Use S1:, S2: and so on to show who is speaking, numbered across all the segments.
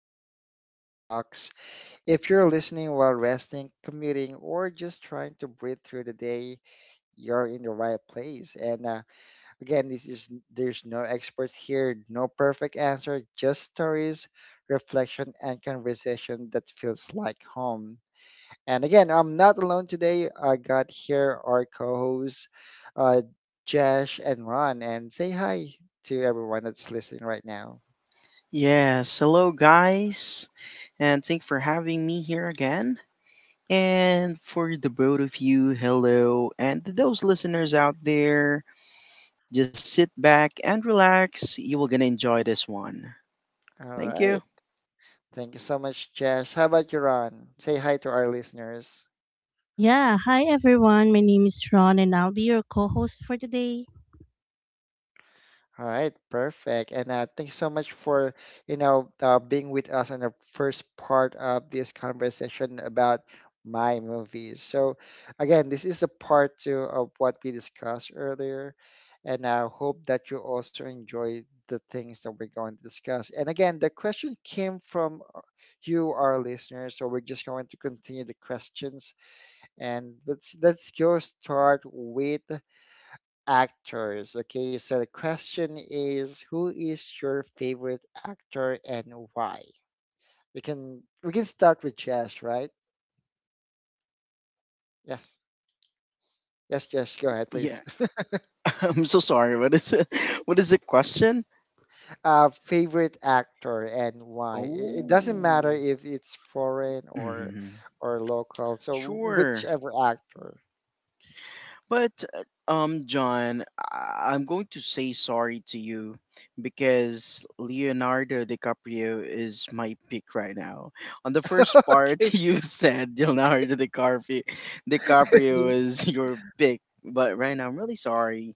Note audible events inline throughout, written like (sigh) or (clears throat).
S1: to Popcorn Talks. If you're listening while resting, commuting, or just trying to breathe through the day, you're in the right place. And again, this is there's no experts here, no perfect answer, just stories, reflection, and conversation that feels like home. And again, I'm not alone today. I got here our co hosts, uh, Jesh and Ron, and say hi to everyone that's listening right now.
S2: Yes, hello guys, and thank you for having me here again. And for the both of you, hello, and to those listeners out there, just sit back and relax. You will gonna enjoy this one.
S1: All
S2: Thank
S1: right.
S2: you.
S1: Thank you so much, Jesh. How about you, Ron? Say hi to our listeners.
S3: Yeah, hi everyone. My name is Ron and I'll be your co host for today.
S1: All right, perfect. And thank you so much for, being with us on the first part of this conversation about my movies. So, again, this is a part two of what we discussed earlier, and I hope that you also enjoy the things that we're going to discuss. And again, the question came from you, our listeners, so we're just going to continue the questions. And let's go start with actors. Okay, so the question is, who is your favorite actor and why? We can start with Jess, right? Yes. Yes, Jess, go ahead,
S2: Yeah,
S1: please. (laughs)
S2: (laughs) I'm so sorry. What is it? (laughs) What is the question?
S1: Favorite actor and why? It doesn't matter
S2: Oh,
S1: if it's foreign
S2: mhm.
S1: or local. So
S2: Sure.
S1: whichever actor.
S2: But John, I'm going to say sorry to you because Leonardo DiCaprio is my pick right now. On the
S1: (laughs)
S2: first part, (laughs)
S1: Okay.
S2: you said Leonardo DiCaprio,
S1: (laughs)
S2: DiCaprio is your pick, but right now I'm really sorry.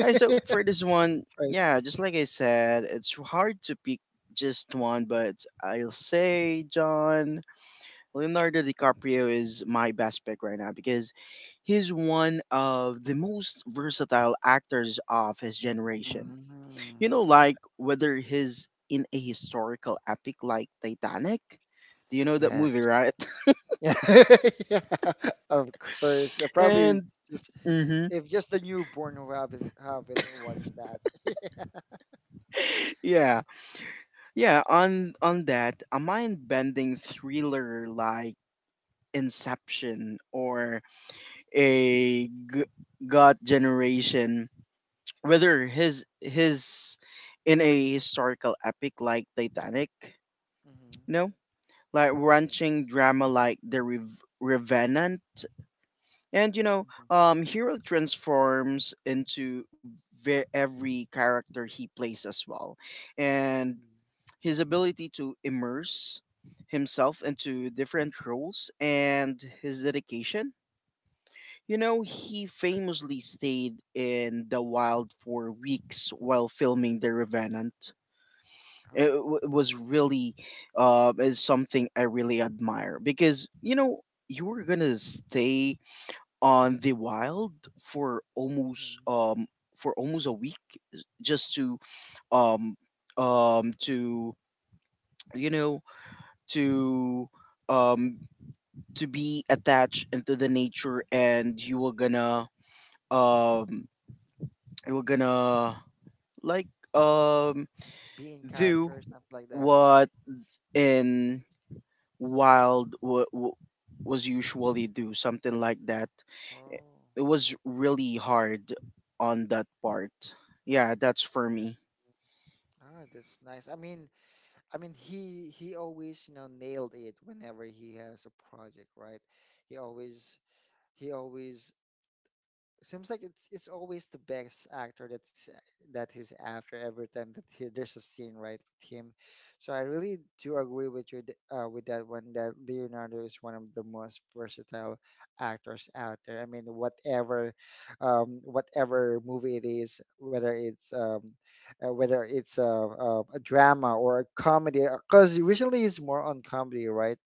S2: Alright, so for this one,
S1: right.
S2: yeah, just like I said, it's hard to pick just one, but I'll say John. Leonardo DiCaprio is my best pick right now because he's one of the most versatile actors of his generation.
S1: Mm,
S2: You know, like whether he's in a historical epic like Titanic. Do you know that
S1: yes. (laughs)
S2: movie, right? (laughs)
S1: Yeah, (laughs) yeah, of course. Probably
S2: And
S1: just.
S2: hmm,
S1: If just the newborn who haven't watched that. (laughs)
S2: yeah, yeah. On that, a mind-bending thriller like Inception or a g- God Generation whether his in a historical epic like Titanic, you
S1: Hmm.
S2: know, like
S1: Yeah.
S2: wrenching drama like The Revenant, and you know,
S1: Hmm.
S2: hero transforms into every character he plays as well, and
S1: Hmm.
S2: his ability to immerse himself into different roles and his dedication. You know, he famously stayed in the wild for weeks while filming The Revenant. It
S1: Oh.
S2: w- was really is something I really admire because, you know, you were going to stay on the wild for almost
S1: Hmm.
S2: a week just to um um to you know to um to be attached into the nature, and you were gonna um we're gonna like um
S1: Be in
S2: do
S1: character, something like that.
S2: what in
S1: Mm.
S2: wild was usually do something like that.
S1: Oh.
S2: It was really hard on that part, yeah, that's for me.
S1: Ah, that's nice. I mean, he always, you know, nailed it whenever he has a project, right? He always he always seems like it's always the best actor that's that he's after every time that he, there's a scene right with him. So I really do agree with you with that one that Leonardo is one of the most versatile actors out there. I mean, whatever, whatever movie it is, whether it's a drama or a comedy, because usually it's more on comedy, right?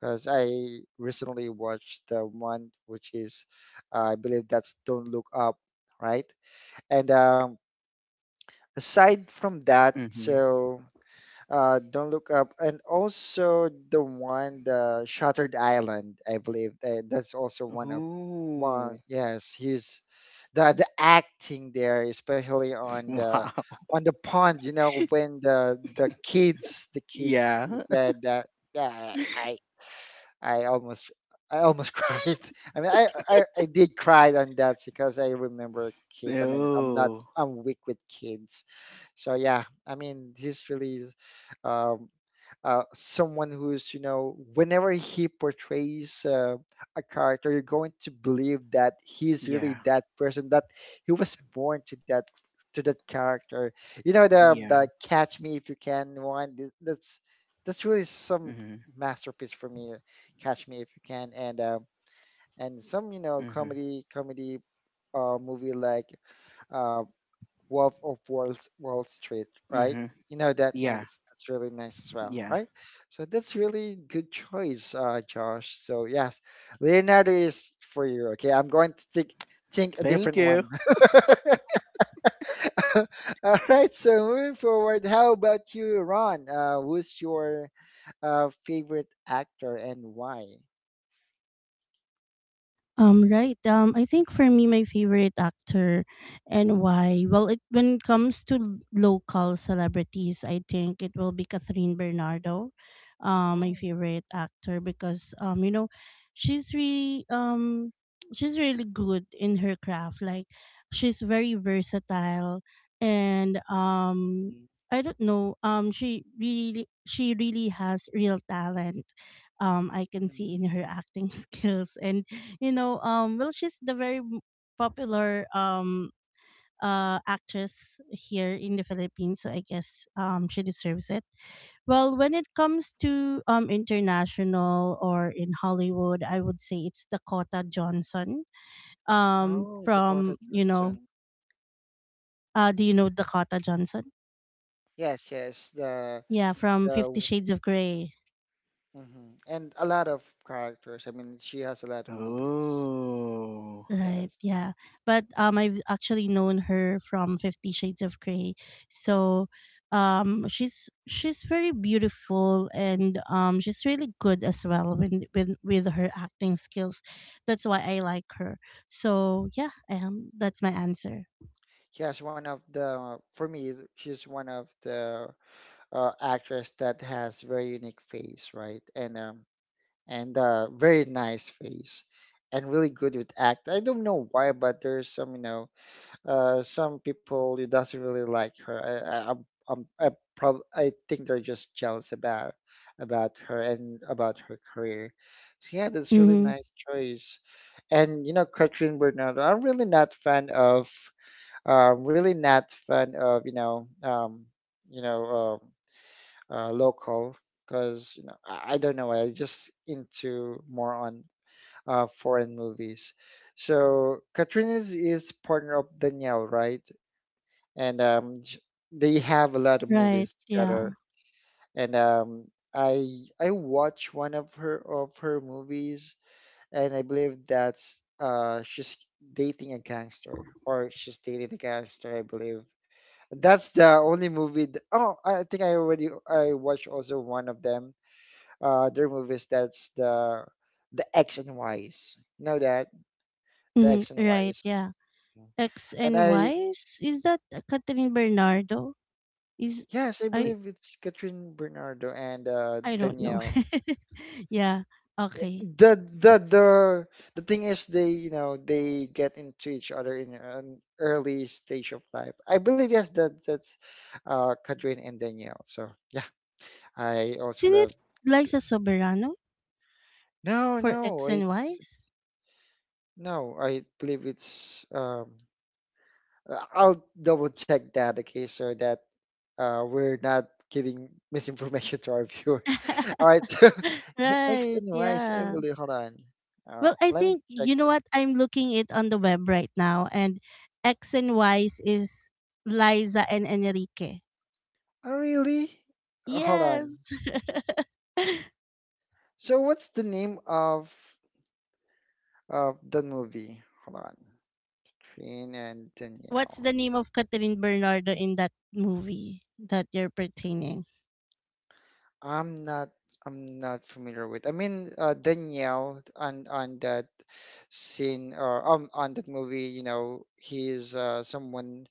S1: Because I recently watched the one which is, I believe that's Don't Look Up, right? And Aside from that,
S2: Mm-hmm.
S1: so Don't Look Up, and also the one, the Shattered Island, I believe that's also one of, one,
S2: Ooh.
S1: yes, he's the acting there, especially
S2: (laughs) Wow.
S1: on the pond, you know, when the kids
S2: Yeah.
S1: said that, yeah, I I almost I almost (laughs) cried. I mean, I did cry on that because I remember
S2: (laughs)
S1: kids. I mean, I'm not
S2: Oh,
S1: I'm weak with kids, so yeah. I mean, he's really um, someone who's you know whenever he portrays a character you're going to believe that he's really
S2: yeah,
S1: that person that he was born to that character, you know
S2: yeah.
S1: the catch me if you can one that's really some
S2: Mm-hmm.
S1: masterpiece for me, catch me if you can and some you know
S2: Mm-hmm.
S1: comedy movie like uh, Wolf of Wall, Wall Street, right?
S2: Mm-hmm.
S1: You know that, yeah,
S2: Yeah,
S1: that's really nice as well,
S2: yeah,
S1: right? So that's really good choice, Josh. So yes, Leonardo is for you. Okay, I'm going to think a
S2: thank
S1: different
S2: you.
S1: one. (laughs) All right. So moving forward, how about you, Ron? Who's your favorite actor and why?
S3: Right. I think for me, my favorite actor and when it comes to local celebrities, I think it will be Catherine Bernardo, my
S1: Oh,
S3: favorite actor because, she's really, um, she's really good in her craft. Like, she's very versatile and,
S1: mm,
S3: I don't know. She really has real talent. I can see
S1: mm,
S3: in her acting (laughs) skills and
S1: mm.
S3: well, she's the very popular actress here in the Philippines, so I guess she deserves it. Well, when it comes to international or in Hollywood, I would say it's Dakota Johnson. Um,
S1: Oh, Dakota
S3: from you know,
S1: Johnson.
S3: do you know Dakota Johnson?
S1: Yes, yes,
S3: Yeah, from
S1: the
S3: 50 Shades of Grey.
S1: hmm. And a lot of characters. I mean, she has a lot of movies.
S2: Oh.
S3: Right,
S1: Yes.
S3: yeah. But I've actually known her from 50 Shades of Grey. So she's very beautiful and she's really good as well when with her acting skills. That's why I like her. So yeah, that's my answer.
S1: She has one of the, for me, she's one of the actress that has very unique face, right? And very nice face, and really good with act. I don't know why, but there's some, you know, some people it doesn't really like her. I, I'm, I, prob- I think they're just jealous about her and about her career. So yeah, that's really
S3: Mhm.
S1: nice choice. And you know, Katrin Bernardo, I'm really not fan of, really not fan of you know, local because you know I don't know. I just into more on foreign movies. So Katrin is partner of Danielle, right? and um, sh- they have a lot of
S3: Right,
S1: movies
S3: yeah.
S1: together. And I watched one of her movies, and I believe that's she's dating a gangster, I believe. That's the only movie. Th- oh, I think I already I watched also one of them. Their movies. That's the X and Y's. You know that the
S3: Mhm.
S1: X and
S3: Right,
S1: Y's.
S3: yeah. X
S1: And
S3: and
S1: I
S3: Y's is that Catherine Bernardo? Is
S1: yes, I
S3: I
S1: believe it's Catherine Bernardo and
S3: I don't know.
S1: Danielle.
S3: (laughs) yeah.
S1: Yeah,
S3: Okay.
S1: the the
S3: X.
S1: the the thing is they you know they get into each other in an early stage of life. I believe yes that that's Kadrin and Danielle. So yeah, I also
S3: Isn't
S1: love
S3: it Liza Soberano
S1: no
S3: for
S1: no
S3: X
S1: I
S3: and Y's?
S1: no, I believe it's I'll double check that okay so that we're not giving (laughs) misinformation to our viewers. (laughs) All
S3: (laughs)
S1: right, so (laughs) X
S3: right,
S1: and Y is
S3: yeah.
S1: Emily. Hold on, oh
S3: Well, I
S1: let me
S3: think
S1: check.
S3: you know
S1: Here.
S3: what, I'm looking it on the web right now, and X and Y's is Liza and Enrique.
S1: Oh really? Hold on.
S3: Yes. (laughs)
S1: So what's the name of the movie? Hold on. Queen and
S3: What's
S1: Danielle.
S3: the name of Catherine Bernardo in that movie that you're pertaining?
S1: I'm not I'm not familiar with. I mean Danielle on that scene or on that movie, you know, he's someone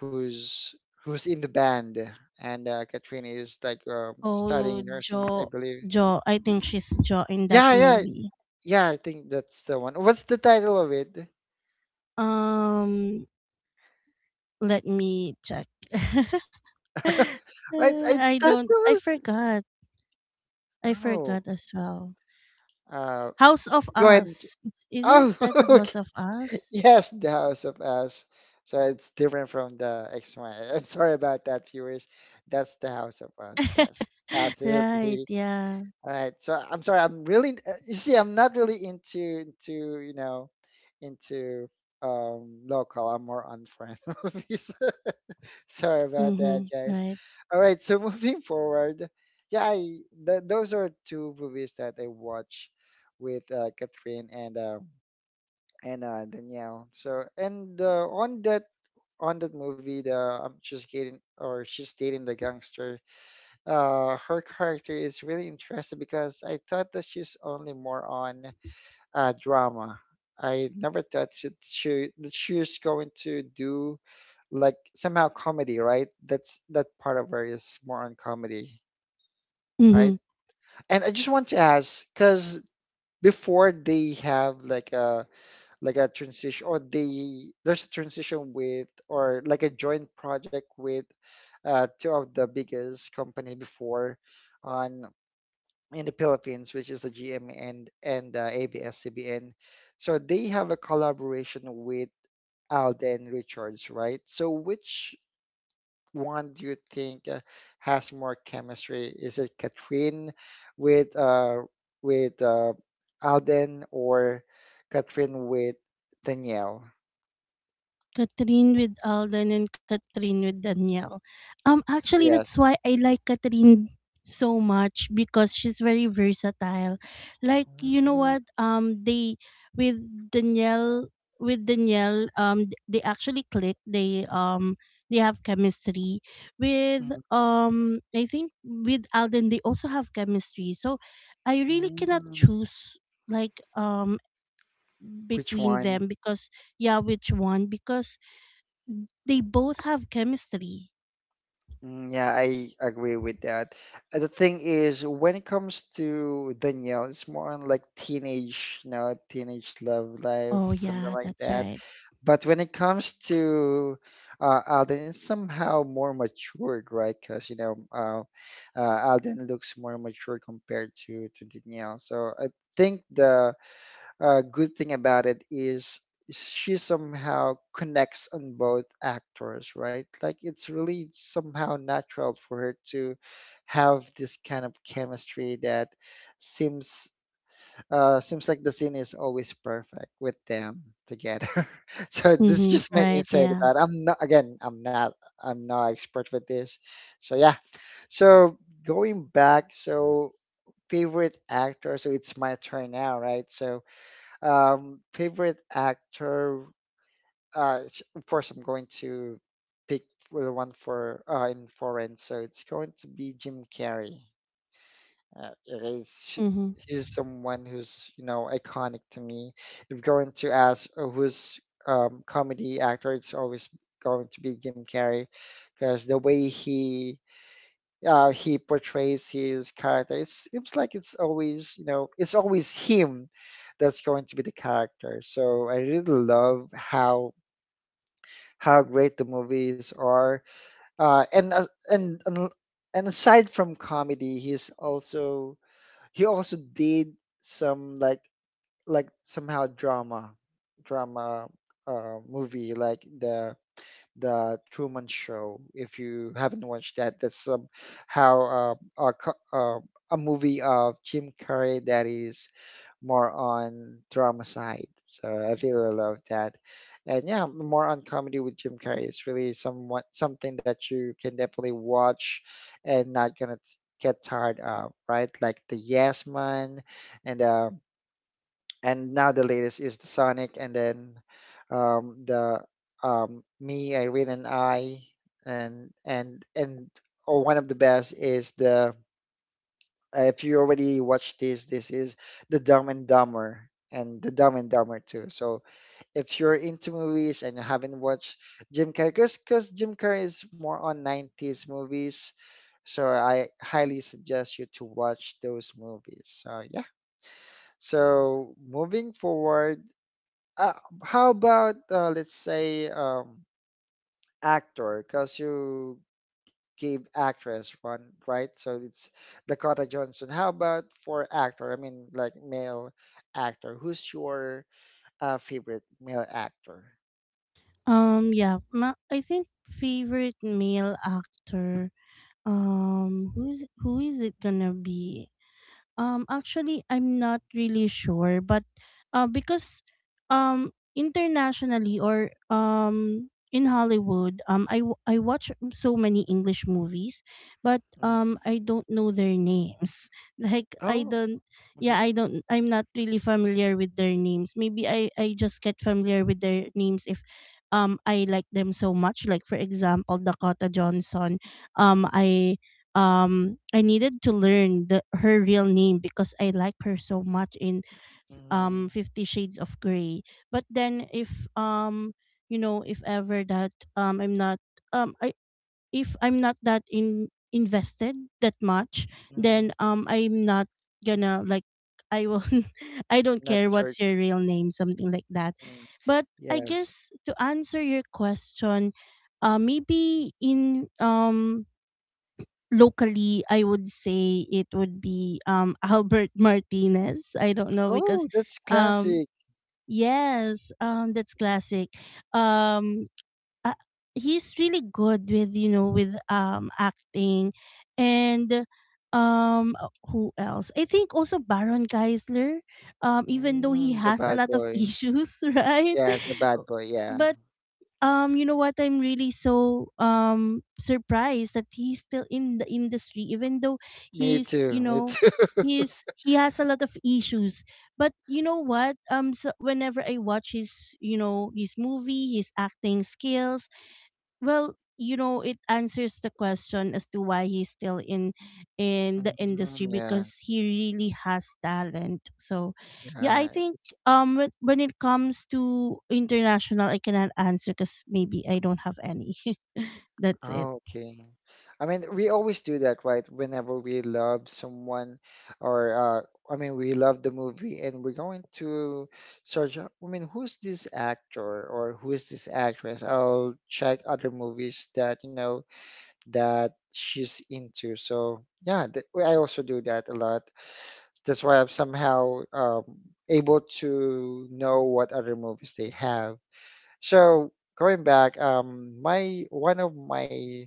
S1: who's who's in the band and Katrina is like
S3: Oh,
S1: studying nursing, I
S3: Jo,
S1: believe.
S3: Jo. I think she's Jo in that
S1: Yeah, yeah.
S3: movie.
S1: Yeah, I think that's the one. What's the title of it?
S3: Um, let me check. (laughs)
S1: I I
S3: I
S1: thought that
S3: don't. I
S1: was.
S3: forgot. I
S1: Oh,
S3: forgot as well.
S1: uh,
S3: House of
S1: go ahead.
S3: Us. Isn't
S1: Oh,
S3: that the
S1: (laughs) okay.
S3: House of Us?
S1: Yes, The House of Us. So it's different from the X one. I'm sorry about that, viewers. That's The House of Us. Yes,
S3: (laughs) right.
S1: absolutely.
S3: Yeah.
S1: All right. So I'm sorry. I'm really. Uh, you see, I'm not really into you know into local. I'm more on foreign (laughs) movies. (laughs) Sorry about that,
S3: Mm-hmm.
S1: guys.
S3: Right.
S1: All right. So (laughs) moving forward, yeah, I, those are two movies that I watch with Catherine and. And Danielle. So and on that movie, the I'm just getting or she's dating the gangster. Her character is really interesting because I thought that she's only more on drama. I never thought that she was going to do like somehow comedy, right? That's that part of her is more on comedy,
S3: Mm-hmm.
S1: right? And I just want to ask because before they have like a transition or they there's a transition with or like a joint project with two of the biggest company before on in the Philippines, which is the GM and ABS-CBN. So they have a collaboration with Alden Richards, right? So which one do you think has more chemistry? Is it Katrin with uh with Alden or Katrin with Danielle?
S3: Catherine with Alden and Catherine with Danielle. Actually, that's
S1: Yes.
S3: why I like Catherine so much because she's very versatile. Like you know
S1: Mm,
S3: what? They with Danielle with Danielle. They actually click. They have chemistry with
S1: mm,
S3: I think with Alden they also have chemistry. So I really cannot
S1: mm.
S3: choose like
S1: Which
S3: between
S1: one?
S3: them because yeah, which one, because they both have chemistry.
S1: Mm, yeah, I agree with that. The thing is, when it comes to Danielle, it's more on like teenage, you know, teenage love life,
S3: Oh
S1: something
S3: yeah,
S1: like
S3: that's
S1: that.
S3: right.
S1: But when it comes to Alden, it's somehow more matured, right? Because, you know, Alden looks more mature compared to Danielle. So I think the good thing about it is she somehow connects on both actors, right? Like it's really somehow natural for her to have this kind of chemistry that seems seems like the scene is always perfect with them together. (laughs) So this is
S3: Mm-hmm.
S1: just my
S3: Right.
S1: insight
S3: Yeah.
S1: about. I'm not again. I'm not. I'm not expert with this. So yeah. So going back. So favorite actor. So it's my turn now, right? So favorite actor? Of course, I'm going to pick for the one for in foreign, so it's going to be Jim Carrey. It is
S3: Mm-hmm.
S1: He's someone who's you know iconic to me. If going to ask who's comedy actor, it's always going to be Jim Carrey because the way he portrays his character. It seems like it's always, you know, it's always him that's going to be the character. So I really love how great the movies are. And and aside from comedy, he's also he also did some like somehow drama movie like the Truman Show. If you haven't watched that, that's how a movie of Jim Carrey that is more on drama side. So I really love that. And yeah, more on comedy with Jim Carrey is really somewhat something that you can definitely watch and not get tired of, right? Like the Yes Man and uh, and now the latest is the Sonic, and then the um, me, Irene, and I, and and and oh, one of the best is the if you already watched this, this is the Dumb and Dumber and the Dumb and Dumber too. So if you're into movies and you haven't watched Jim Carrey, because Jim Carrey is more on 90s movies, so I highly suggest you to watch those movies. So yeah. So moving forward, uh, how about let's say actor, because you gave actress one, right? So it's Dakota Johnson. How about for actor? I mean, like male actor. Who's your favorite male actor?
S3: Yeah. I think favorite male actor. Who's who is it gonna be? Actually, I'm not really sure, but because internationally or in Hollywood, I watch so many English movies, but
S1: Mhm.
S3: I don't know their names. (laughs) Like I
S1: Oh.
S3: don't, yeah,
S1: Okay.
S3: I don't. I'm not really familiar with their names. Maybe I just get familiar with their names if. I like them so much. Like for example, Dakota Johnson. Um, I I needed to learn the, her real name because I like her so much in
S1: Mm-hmm.
S3: 50 Shades of gray but then if you know, if ever that I'm not I if I'm not that in invested that much,
S1: Hmm.
S3: then I'm not gonna like, I will (laughs) I don't
S1: Not
S3: care
S1: church.
S3: what's your real name, something like that,
S1: Mm.
S3: but I
S1: Yes.
S3: guess to answer your question, maybe in locally I would say it would be (laughs) Albert Martinez, I don't know because
S1: Oh, that's
S3: um
S1: classic.
S3: yes, that's classic. um uh, he's really good with you know with acting and who else, I think also Baron Geisler, even though he
S1: Mm, the
S3: has a
S1: bad
S3: lot of (laughs)
S1: boy.
S3: issues, right? (laughs)
S1: Yes, the bad boy, yeah.
S3: But you know what, I'm really so surprised that he's still in the industry even though
S1: Me
S3: he's
S1: too,
S3: you
S1: me
S3: know
S1: too. (laughs)
S3: he has a lot of issues. But you know what, so whenever I watch his you know his movie, his acting skills, well, you know, it answers the question as to why he's still in the industry
S1: Mhm, yeah.
S3: because he really has talent. So, yeah, I
S1: Yeah,
S3: think
S1: it's.
S3: when it comes to international, I cannot answer because maybe I don't have any. (laughs) That's it.
S1: Oh, okay. I mean, we always do that, right? Whenever we love someone, or I mean, we love the movie, and we're going to search. I mean, who's this actor or who is this actress? I'll check other movies that you know that she's into. So yeah, th I also do that a lot. That's why I'm somehow able to know what other movies they have. So going back, my one of my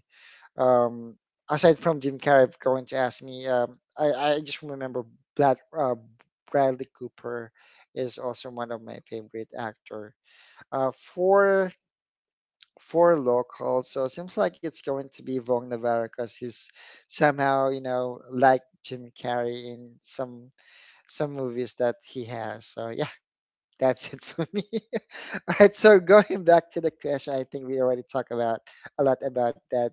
S1: um, aside from Jim Carrey going to ask me, I just remember that Bradley Cooper is also one of my favorite actor. For local, so it seems like it's going to be Vong Navarro because he's somehow you know like Jim Carrey in some some movies that he has. So yeah, (laughs) that's it for me. (laughs) All right, so going back to the question, I think we already talked about a lot about that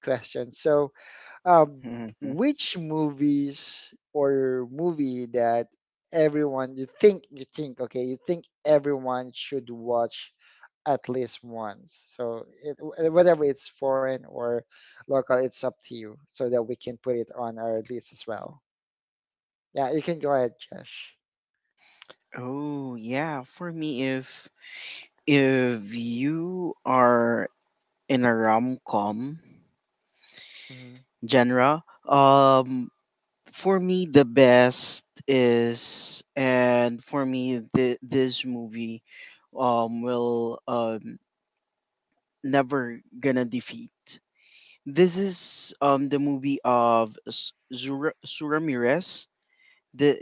S1: question. So, um,
S2: (laughs)
S1: which movies or movie that everyone you think you think everyone should watch at least once. So, whatever it's foreign or local, it's up to you, so that we can put it on our list as well. Yeah, you can go ahead, Josh.
S2: Oh yeah, for me, if you are in a rom com
S1: Mhm.
S2: genre, um, for me the best is, and for me the this movie, will never gonna defeat. This is the movie of Zura Suramirez. The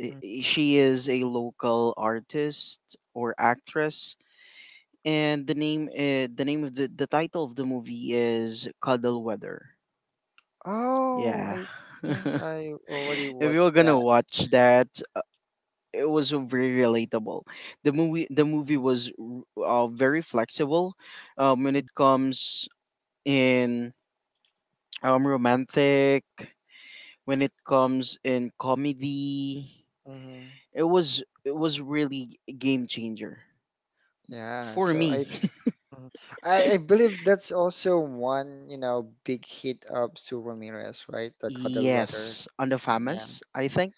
S2: she is a local artist or actress, and the title of the movie is Cuddle Weather.
S1: Oh,
S2: Yeah.
S1: I think
S2: (laughs)
S1: I already
S2: If you're
S1: watched
S2: gonna
S1: that.
S2: watch that, uh, it was very relatable. The movie was very flexible when it comes in romantic, when it comes in comedy.
S1: Mm-hmm.
S2: It was really a game changer
S1: Yeah,
S2: for
S1: so
S2: me.
S1: I, mhm. I believe that's also one, you know, big hit of Sue Ramirez, right?
S2: (laughs)
S1: The Cuddle Weather.
S2: Yes, on the
S1: Mm, yeah.
S2: famous, I think.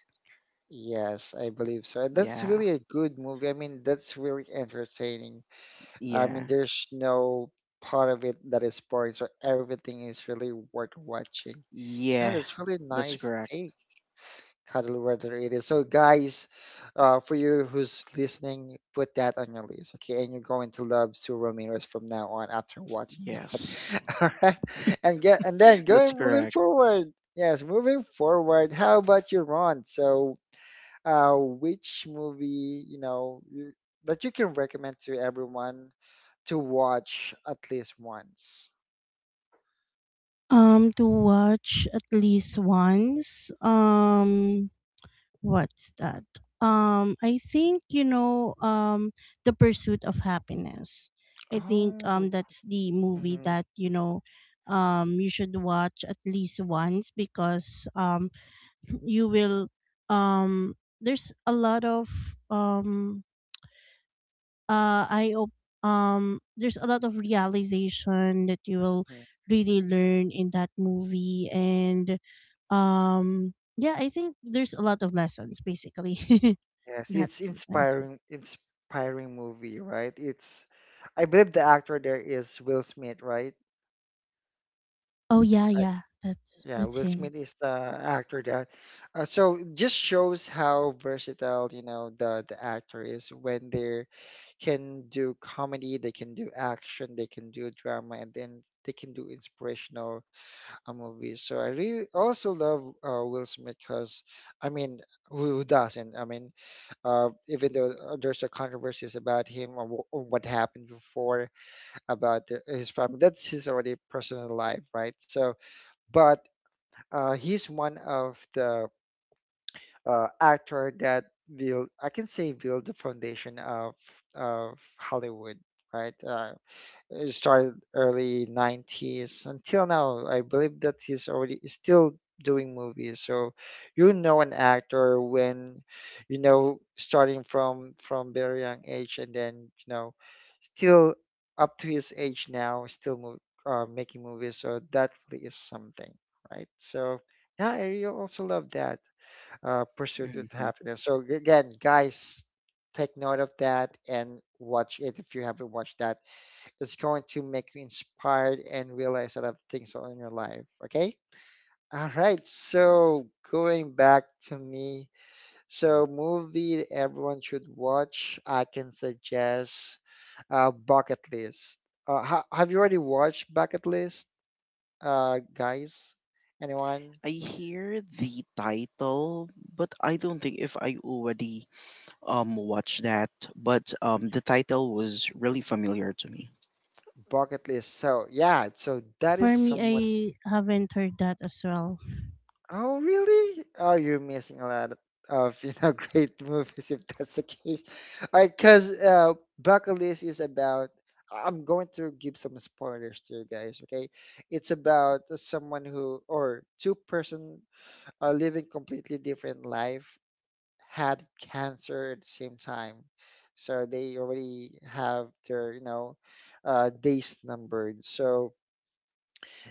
S1: Yes, I believe so. And that's
S2: Yeah.
S1: really a good movie. I mean, that's really entertaining. I
S2: Yeah.
S1: mean, there's no part of it that is boring, so everything is really worth watching. Yeah,
S2: Yeah.
S1: that's really
S2: That's
S1: nice
S2: correct.
S1: take. Cuddly weather it really is. So, guys, for you who's listening, put that on your list, okay? And you're going to love Sue Ramirez from now on after watching that.
S2: Yes.
S1: (laughs) All right,
S2: (laughs)
S1: and get and
S2: That's
S1: then going
S2: correct.
S1: moving forward. Yes, moving forward. How about you, Ron? So, which movie you know you, that you can recommend to everyone to watch at least once?
S3: To watch at least once. What's that? I think you know, the Pursuit of Happiness. I think
S1: Oh.
S3: that's the movie
S1: Mhm.
S3: that you know, you should watch at least once because, (clears throat) you will um, there's a lot of um uh i op- there's a lot of realization that you will really learn in that movie and yeah I think there's a lot of lessons basically. (laughs)
S1: Yes, it's
S3: That's my answer.
S1: inspiring, inspiring movie, right? It's, I believe the actor there is Will Smith, right?
S3: Oh yeah,
S1: I,
S3: yeah,
S1: yeah,
S3: that's
S1: Will
S3: him.
S1: Smith is the actor there. So just shows how versatile, you know, the actor is when they can do comedy, they can do action, they can do drama, and then they can do inspirational movies. So I really also love Will Smith because, I mean, who doesn't? I mean. Even though there's a controversies about him or, what happened before about his family, that's his already personal life, right? So, but he's one of the actor that build, I can say, build the foundation of of Hollywood, right? It started early 90s until now. I believe that he's still doing movies. So you know an actor when you know starting from very young age and then you know still up to his age now still mov making movies. So that really is something, right? So yeah, I really also love that pursuit of
S2: Mhm.
S1: happiness. So again, guys, take note of that and watch it if you haven't watched that's going to make you inspired and realize a lot of things in your life. Okay. All right. So going back to me. So movie that everyone should watch. I can suggest Bucket List. Ha have you already watched Bucket List, guys? Anyone?
S2: I hear the title, but I don't think if I already watched that. But the title was really familiar to me.
S1: Bucket List. So yeah. So that is
S3: For me,
S1: someone.
S3: I haven't heard that as well.
S1: Oh, really? Oh, you're missing a lot of, you know, (laughs) great movies if that's the case. All right, because bucket list is about. I'm going to give some spoilers to you guys. Okay, it's about someone who or two-person are living completely different life, had cancer at the same time, so they already have their, you know, days numbered. So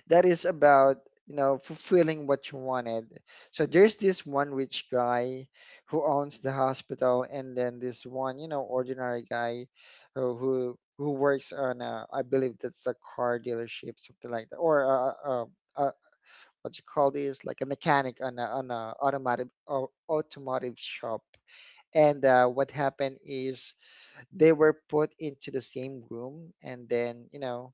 S1: that is about you know fulfilling what you wanted. So there's this one rich guy who owns the hospital, and then this one you know ordinary guy who works on a, I believe that's a car dealership, something like that, or a what you call this, like a mechanic on a automotive automotive shop. And what happened is they were put into the same room, and then you know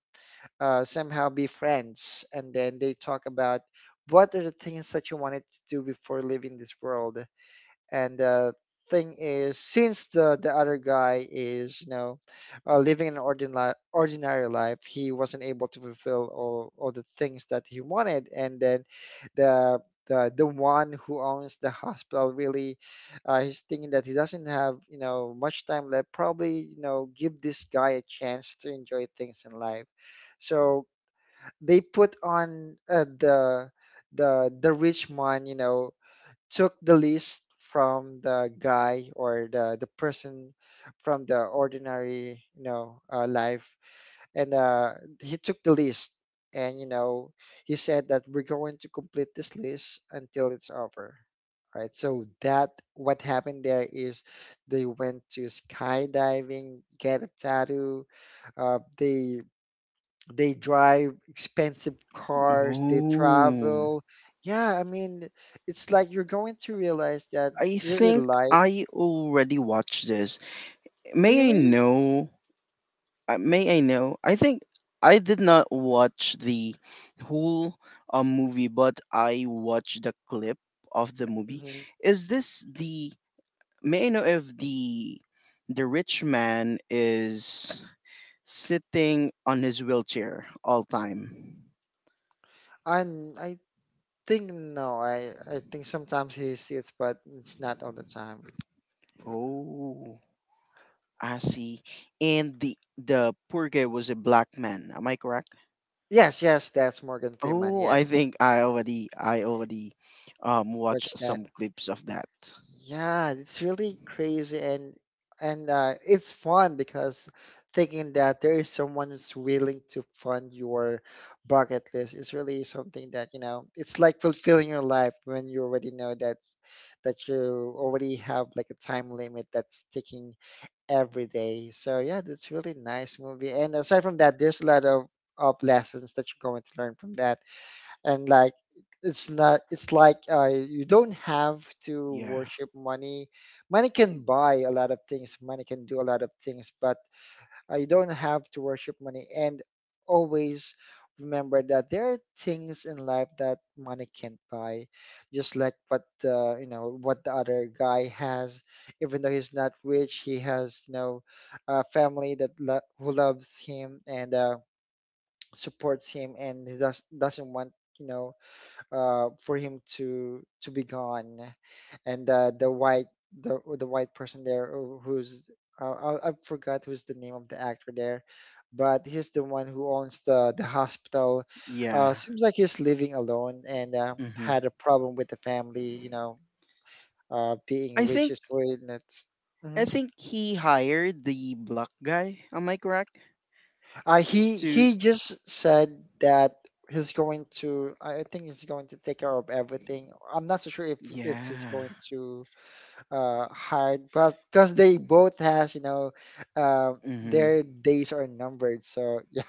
S1: somehow be friends, and then they talk about what are the things that you wanted to do before leaving this world. And the thing is, since the other guy is you know living an ordinary life, he wasn't able to fulfill all the things that he wanted. And then the the one who owns the hospital really, he's thinking that he doesn't have you know much time left. Probably you know give this guy a chance to enjoy things in life. So they put on the rich man, you know, took the list from the guy, or the person from the ordinary you know life. And he took the list, and you know he said that we're going to complete this list until it's over, right? So that what happened there is they went to skydiving, get a tattoo, uh, they they drive expensive cars, they
S2: Oh,
S1: travel. Yeah, I mean, it's like you're going to realize that
S2: I
S1: really
S2: think
S1: life,
S2: I already watched this. May I
S1: really?
S2: know may I know? I think I did not watch the whole movie, but I watched the clip of the movie.
S1: Hmm.
S2: Is this the may I know if the rich man is sitting on his wheelchair all time?
S1: And I think no, I think sometimes he sees, but it's not all the time.
S2: Oh, I see. And the poor guy was a black man. Am I correct?
S1: Yes, yes, that's Morgan Freeman.
S2: Oh, I
S1: Yes,
S2: think I already watched
S1: watch that.
S2: some clips of that.
S1: Yeah, it's really crazy, and it's fun because thinking that there is someone who's willing to fund your bucket list is really something that, you know, it's like fulfilling your life when you already know that you already have like a time limit that's ticking every day. So yeah, that's really nice movie. And aside from that, there's a lot of lessons that you're going to learn from that. And like it's not, it's like you don't have to
S2: Yeah.
S1: worship money. Money can buy a lot of things, money can do a lot of things, but you don't have to worship money, and always remember that there are things in life that money can't buy, just like what the you know what the other guy has. Even though he's not rich, he has you know a family that who loves him and supports him, and he does doesn't want you know for him to be gone. And the white person there who's, I forgot who's the name of the actor there, but he's the one who owns the hospital.
S2: Yeah.
S1: Seems like he's living alone, and
S2: Hmm.
S1: had a problem with the family, you know, being
S2: I
S1: rich
S2: think
S1: is way not.
S2: I
S1: Hmm.
S2: think he hired the black guy. Am I correct?
S1: He
S2: To,
S1: he just said that he's going to. I think he's going to take care of everything. I'm not so sure if he's
S2: yeah.
S1: going to hard, but because they both has you know uh,
S2: Hmm.
S1: their days are numbered. So yeah,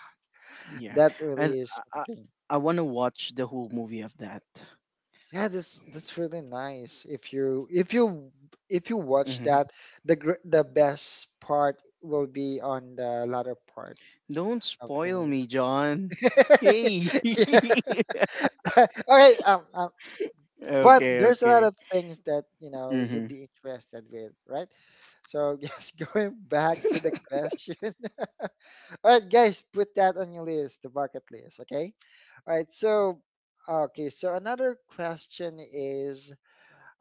S1: (laughs)
S2: Yeah.
S1: that really
S2: I
S1: is
S2: I
S1: something.
S2: I want to watch the whole movie of that.
S1: Yeah, this that's really nice. If you watch
S2: Hmm.
S1: that, the best part will be on the latter part
S2: Don't
S1: of the
S2: spoil
S1: movie. (laughs)
S2: me, John. (laughs) Hey.
S1: Yeah.
S2: (laughs)
S1: (laughs) All right. But
S2: Okay.
S1: there's a lot
S2: Okay.
S1: of things that you know you'll
S2: Hmm.
S1: be interested with, right? So (laughs) just going back to the question. (laughs) All right, guys, put that on your list, the bucket list. Okay. All right. So, okay. So another question is,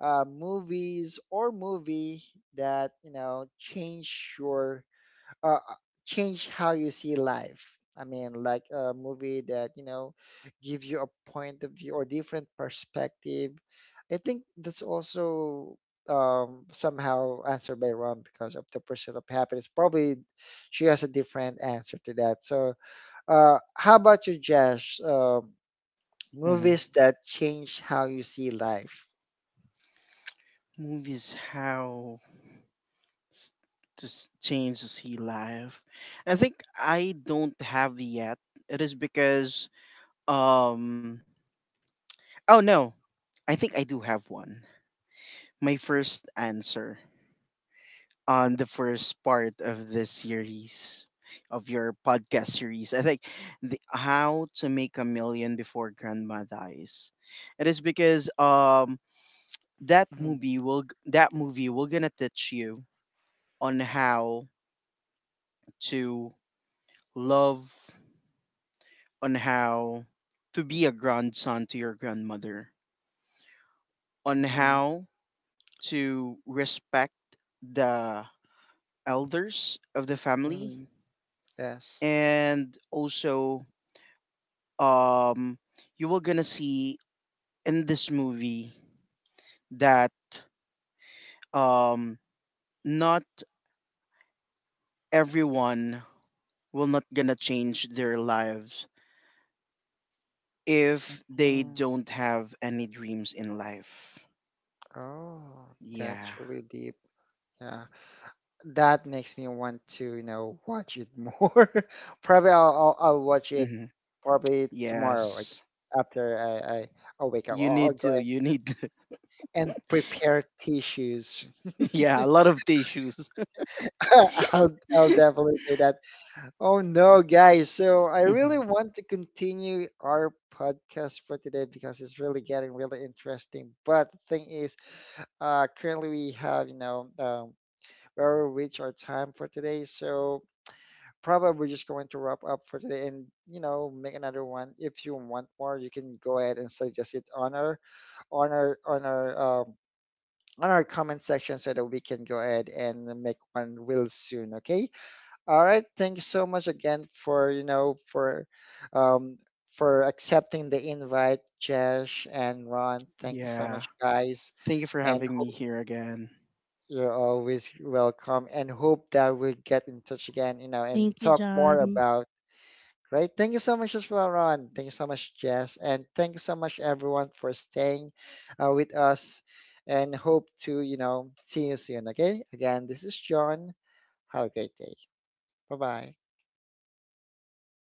S1: movies or movie that you know change your, uh, uh, change how you see life. I mean, like a movie that you know give you a point of view or different perspective. I think that's also somehow answered by Ron because of the pursuit of happiness. Probably she has a different answer to that. So how about you, Josh?
S2: Hmm.
S1: Movies
S2: (laughs)
S1: that change how you see life.
S2: Movies how s- to change changes he life. I think I don't have yet. It is because, um. Oh no, I think I do have one. My first answer on the first part of this series of your podcast series. I think the how to make a million before grandma dies. It is because
S1: Mm,
S2: that movie will gonna teach you on how to love, on how to be a grandson to your grandmother, on
S1: mm,
S2: how to respect the elders of the family,
S1: mm, yes.
S2: and also um you will gonna see in this movie that um not everyone will not gonna change their lives if they
S1: Mm.
S2: don't have any dreams in life.
S1: Oh,
S2: Yeah.
S1: that's really deep. Yeah, that makes me want to, you know, watch it more. (laughs) Probably I'll watch it
S2: Hmm.
S1: probably tomorrow, like
S2: Yes,
S1: after I'll wake up.
S2: you
S1: I'll
S2: need
S1: go
S2: to,
S1: ahead and prepare tissues.
S2: (laughs) yeah, a lot of tissues.
S1: (laughs) I'll
S2: (laughs)
S1: definitely do that. Oh no, guys. So I really
S2: Mhm.
S1: want to continue our podcast for today because it's really getting really interesting. But the thing is, currently we have, you know, we already reached our time for today. So probably we're just going to wrap up for today and, you know, make another one. If you want more, you can go ahead and suggest it on on our, on our, um, on our comment section so that we can go ahead and make one real soon. Okay. All right, thank you so much again for, you know, um for accepting the invite, Jesh and Ron. Thank you so
S2: Yeah,
S1: much, guys.
S2: thank you for
S1: And
S2: having me
S1: hope
S2: here again.
S1: you're always welcome and hope that we get in touch again, you know,
S3: Thank
S1: and
S3: you,
S1: talk more
S3: John.
S1: about, right? Thank you so much as well, Ron. Thank you so much, Jess, and thank you so much everyone for staying with us, and hope to, you know, see you soon. Okay? Again, this is John. Have a great day. Bye-bye.